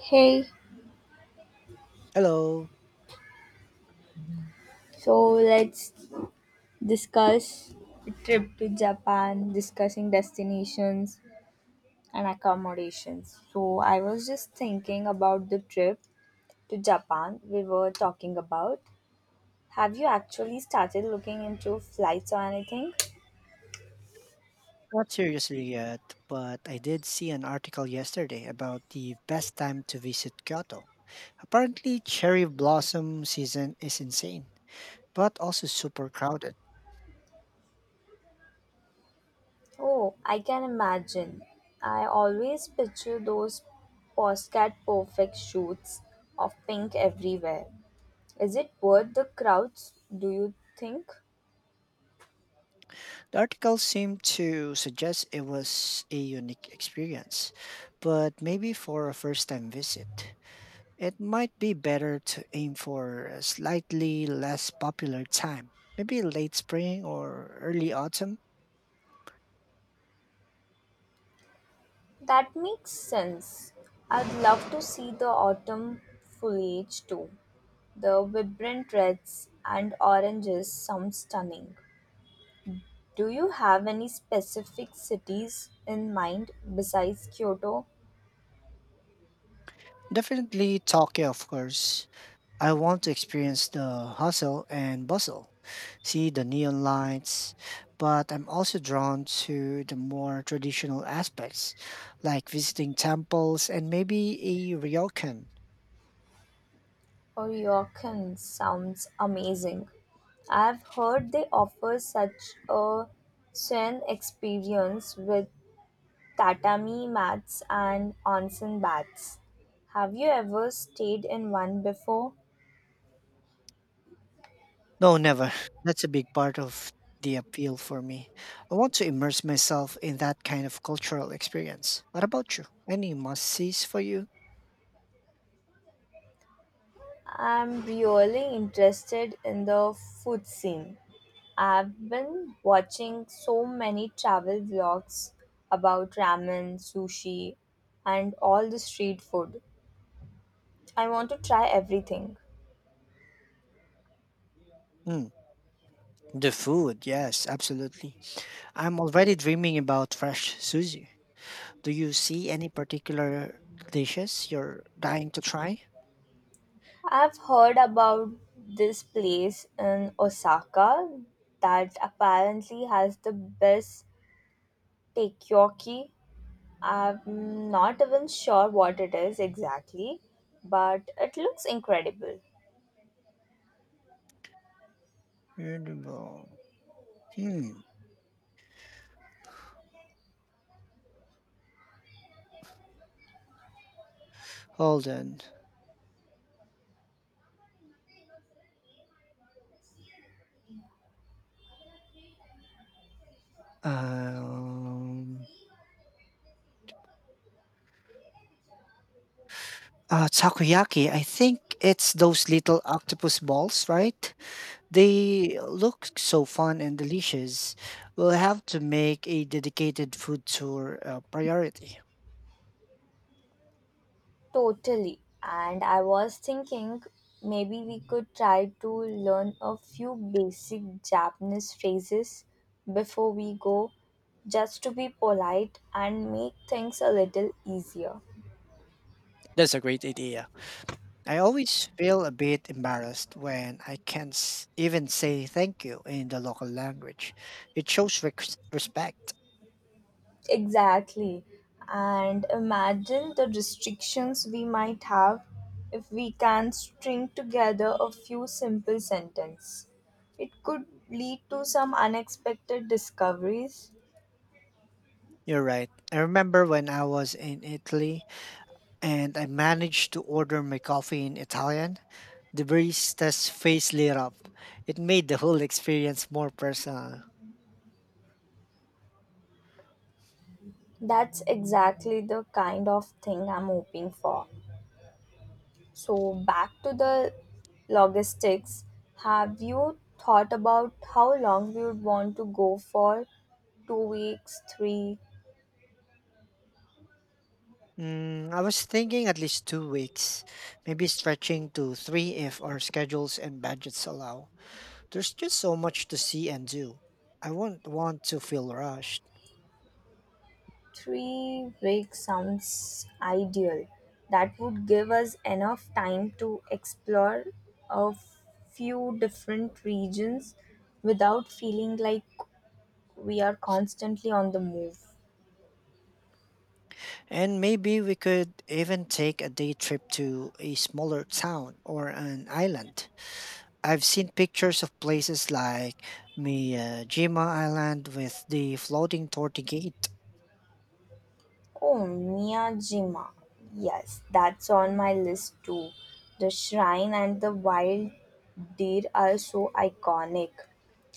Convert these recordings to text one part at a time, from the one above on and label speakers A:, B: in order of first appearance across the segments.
A: Hey,
B: Hello.
A: so let's discuss a trip to Japan, discussing destinations and accommodations. So, I was just thinking about the trip to Japan we were talking about. Have you actually started looking into flights or anything?
B: Not seriously yet, but I did see an article yesterday about the best time to visit Kyoto. Apparently, cherry blossom season is insane, but also super crowded.
A: Oh, I can imagine. I always picture those postcard perfect shoots of pink everywhere. Is it worth the crowds, do you think?
B: The article seemed to suggest it was a unique experience, but maybe for a first time visit. It might be better to aim for a slightly less popular time, maybe late spring or early autumn.
A: That makes sense. I'd love to see the autumn foliage too. The vibrant reds and oranges sound stunning. Do you have any specific cities in mind besides Kyoto?
B: Definitely Tokyo, of course. I want to experience the hustle and bustle, see the neon lights, but I'm also drawn to the more traditional aspects, like visiting temples and maybe a ryokan.
A: Oryoken sounds amazing. I've heard they offer such a serene experience with tatami mats and onsen baths. Have you ever stayed in one before?
B: No, never. That's a big part of the appeal for me. I want to immerse myself in that kind of cultural experience. What about you? Any must sees for you?
A: I'm really interested in the food scene. I've been watching so many travel vlogs about ramen, sushi, and all the street food. I want to try everything.
B: Mm, the food, yes, absolutely. I'm already dreaming about fresh sushi. Do you see any particular dishes you're dying to try?
A: I've heard about this place in Osaka that apparently has the best takoyaki. I'm not even sure what it is exactly, but it looks incredible.
B: Edible. Hmm. Hold on. Um, takoyaki. I think it's those little octopus balls, right? They look so fun and delicious. We'll have to make a dedicated food tour a priority.
A: Totally. And I was thinking maybe we could try to learn a few basic Japanese phrases before we go, just to be polite and make things a little easier.
B: That's a great idea. I always feel a bit embarrassed when I can't even say thank you in the local language. It shows respect.
A: Exactly. And imagine the restrictions we might have if we can string together a few simple sentences. It could lead to some unexpected discoveries.
B: You're right. I remember when I was in Italy and I managed to order my coffee in Italian. The barista's face lit up. It made the whole experience more personal.
A: That's exactly the kind of thing I'm hoping for. So, back to the logistics, have you thought about how long we would want to go for? 2 weeks, three,
B: I was thinking at least 2 weeks, maybe stretching to three if our schedules and budgets allow. There's just so much to see and do. I won't want to feel rushed.
A: 3 weeks sounds ideal. That would give us enough time to explore a few different regions without feeling like we are constantly on the move.
B: And maybe we could even take a day trip to a smaller town or an island. I've seen pictures of places like Miyajima Island with the floating torty gate.
A: Oh, Miyajima. Yes, that's on my list too. The shrine and the wild deer are so iconic.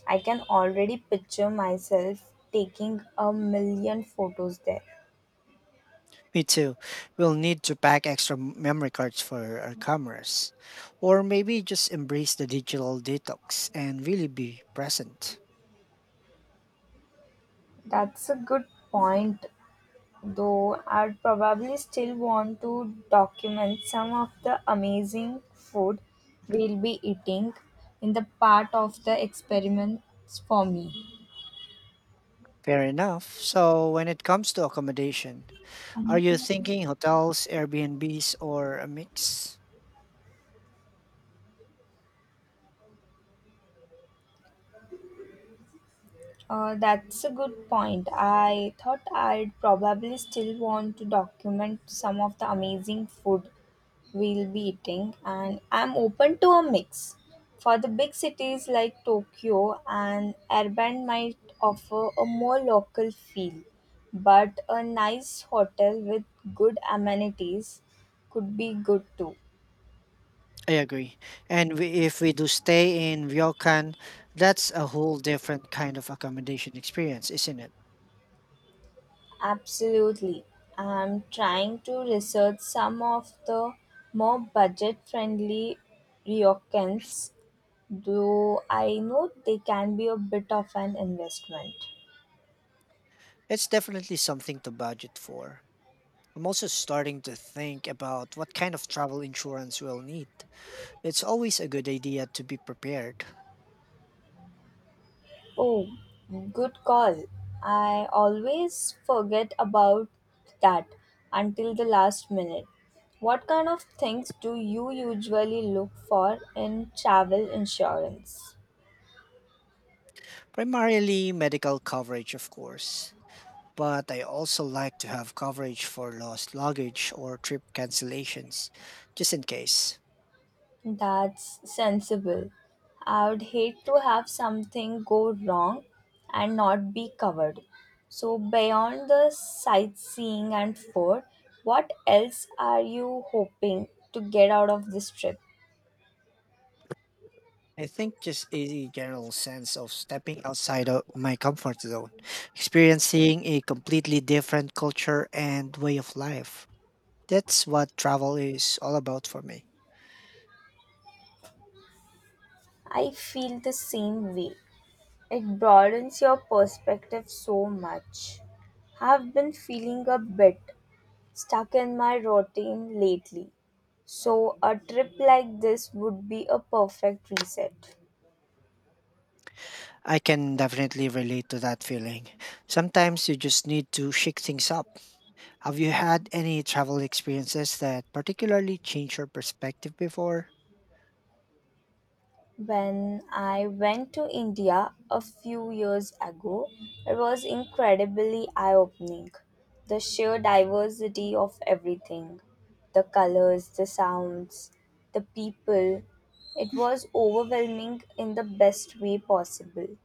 A: I can already picture myself taking a million photos there.
B: Me too. We'll need to pack extra memory cards for our cameras. Or maybe just embrace the digital detox and really be present.
A: That's a good point, though I'd probably still want to document some of the amazing food we'll be eating in the part of the experiments for me.
B: Fair enough. So, when it comes to accommodation, are you thinking hotels, Airbnbs, or a mix?
A: That's a good point. I thought I'd probably still want to document some of the amazing food we'll be eating, and I'm open to a mix. For the big cities like Tokyo, an urban might offer a more local feel, but a nice hotel with good amenities could be good too.
B: I agree. And we, if we do stay in Ryokan, that's a whole different kind of accommodation experience, isn't it?
A: Absolutely. I'm trying to research some of the more budget friendly ryokans, though I know they can be a bit of an investment.
B: It's definitely something to budget for. I'm also starting to think about what kind of travel insurance we'll need. It's always a good idea to be prepared.
A: Oh, good call. I always forget about that until the last minute. What kind of things do you usually look for in travel insurance?
B: Primarily medical coverage, of course, but I also like to have coverage for lost luggage or trip cancellations, just in case.
A: That's sensible. I would hate to have something go wrong and not be covered. So, beyond the sightseeing and food, what else are you hoping to get out of this trip?
B: I think just a general sense of stepping outside of my comfort zone, experiencing a completely different culture and way of life. That's what travel is all about for me.
A: I feel the same way. It broadens your perspective so much. I've been feeling a bit stuck in my routine lately, so a trip like this would be a perfect reset.
B: I can definitely relate to that feeling. Sometimes you just need to shake things up. Have you had any travel experiences that particularly changed your perspective before?
A: When I went to India a few years ago, it was incredibly eye opening. The sheer diversity of everything the colors, the sounds, the people it was overwhelming in the best way possible.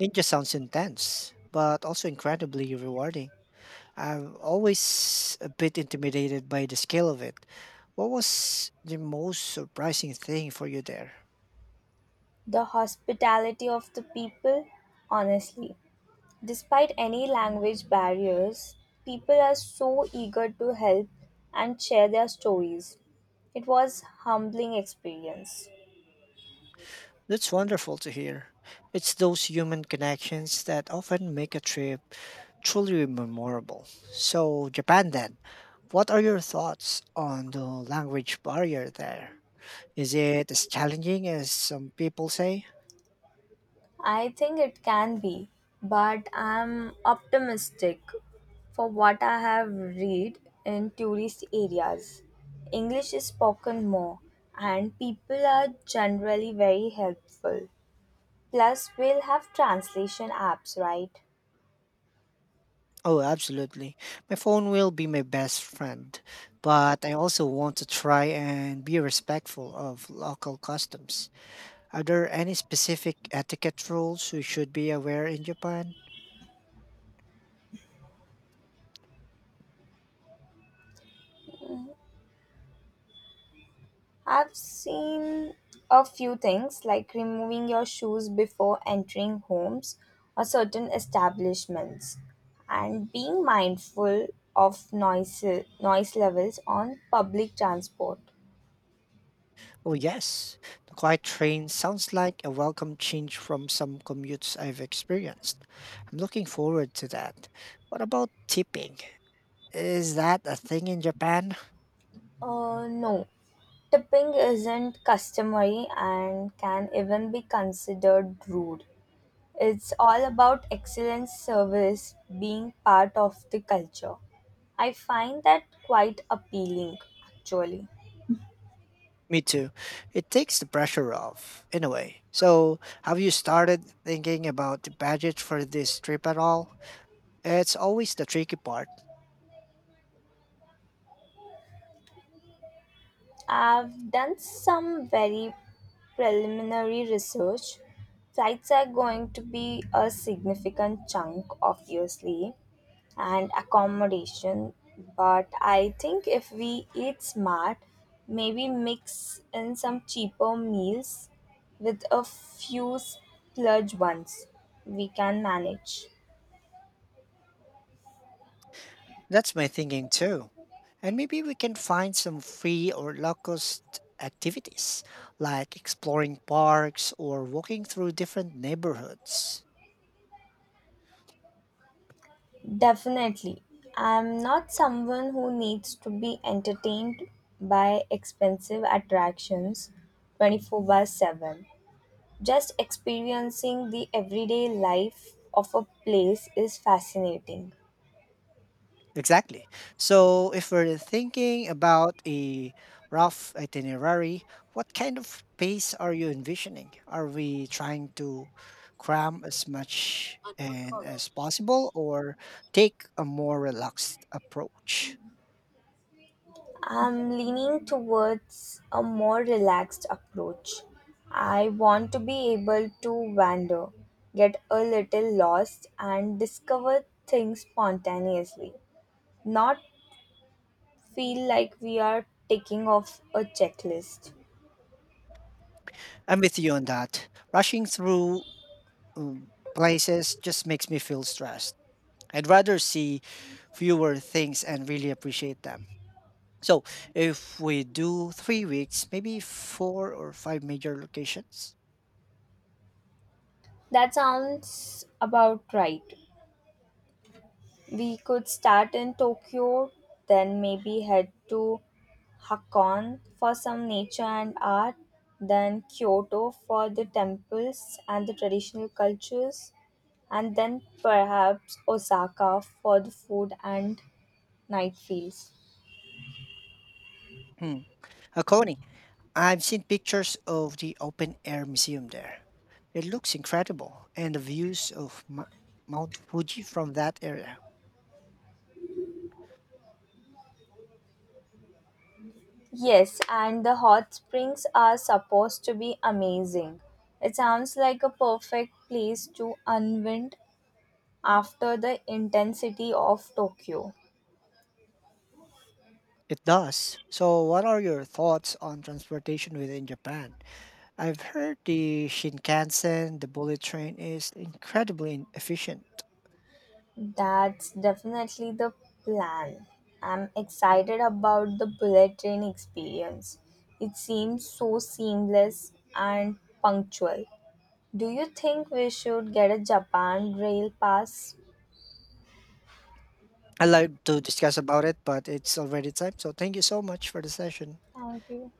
B: It just sounds intense, but also incredibly rewarding. I'm always a bit intimidated by the scale of it. What was the most surprising thing for you there?
A: The hospitality of the people, honestly. Despite any language barriers, people are so eager to help and share their stories. It was humbling experience.
B: That's wonderful to hear. It's those human connections that often make a trip truly memorable. So, Japan then, what are your thoughts on the language barrier there? Is it as challenging as some people say?
A: I think it can be, but I'm optimistic for what I have read in tourist areas. English is spoken more and people are generally very helpful. Plus we'll have translation apps, right?
B: Oh, absolutely. My phone will be my best friend, but I also want to try and be respectful of local customs. Are there any specific etiquette rules we should be aware in Japan?
A: I've seen a few things like removing your shoes before entering homes or certain establishments and being mindful of noise levels on public transport.
B: Oh, yes. The quiet train sounds like a welcome change from some commutes I've experienced. I'm looking forward to that. What about tipping? Is that a thing in Japan?
A: No. Tipping isn't customary and can even be considered rude. It's all about excellent service being part of the culture. I find that quite appealing actually.
B: Me too. It takes the pressure off, in a way. So, have you started thinking about the budget for this trip at all? It's always the tricky part.
A: I've done some very preliminary research. Flights are going to be a significant chunk, obviously, and accommodation. But I think if we eat smart, maybe mix in some cheaper meals with a few splurge ones, we can manage.
B: That's my thinking too. And maybe we can find some free or low-cost activities, like exploring parks or walking through different neighborhoods.
A: Definitely. I'm not someone who needs to be entertained by expensive attractions 24 by 7. Just experiencing the everyday life of a place is fascinating.
B: Exactly. So, if we're thinking about a rough itinerary, what kind of pace are you envisioning? Are we trying to cram as much and as possible or take a more relaxed approach?
A: I'm leaning towards a more relaxed approach. I want to be able to wander, get a little lost, and discover things spontaneously, not feel like we are ticking off a checklist.
B: I'm with you on that. Rushing through places just makes me feel stressed. I'd rather see fewer things and really appreciate them. So, if we do 3 weeks, maybe four or five major locations.
A: That sounds about right. We could start in Tokyo, then maybe head to Hakone for some nature and art, then Kyoto for the temples and the traditional cultures, and then perhaps Osaka for the food and night feels.
B: Hmm. Coney, I've seen pictures of the open air museum there. It looks incredible, and the views of Mount Fuji from that area.
A: Yes, and the hot springs are supposed to be amazing. It sounds like a perfect place to unwind after the intensity of Tokyo.
B: It does. So, what are your thoughts on transportation within Japan? I've heard the Shinkansen, the bullet train, is incredibly efficient.
A: That's definitely the plan. I'm excited about the bullet train experience. It seems so seamless and punctual. Do you think we should get a Japan Rail Pass?
B: I'd like to discuss about it, but it's already time. So, thank you so much for the session.
A: Thank you.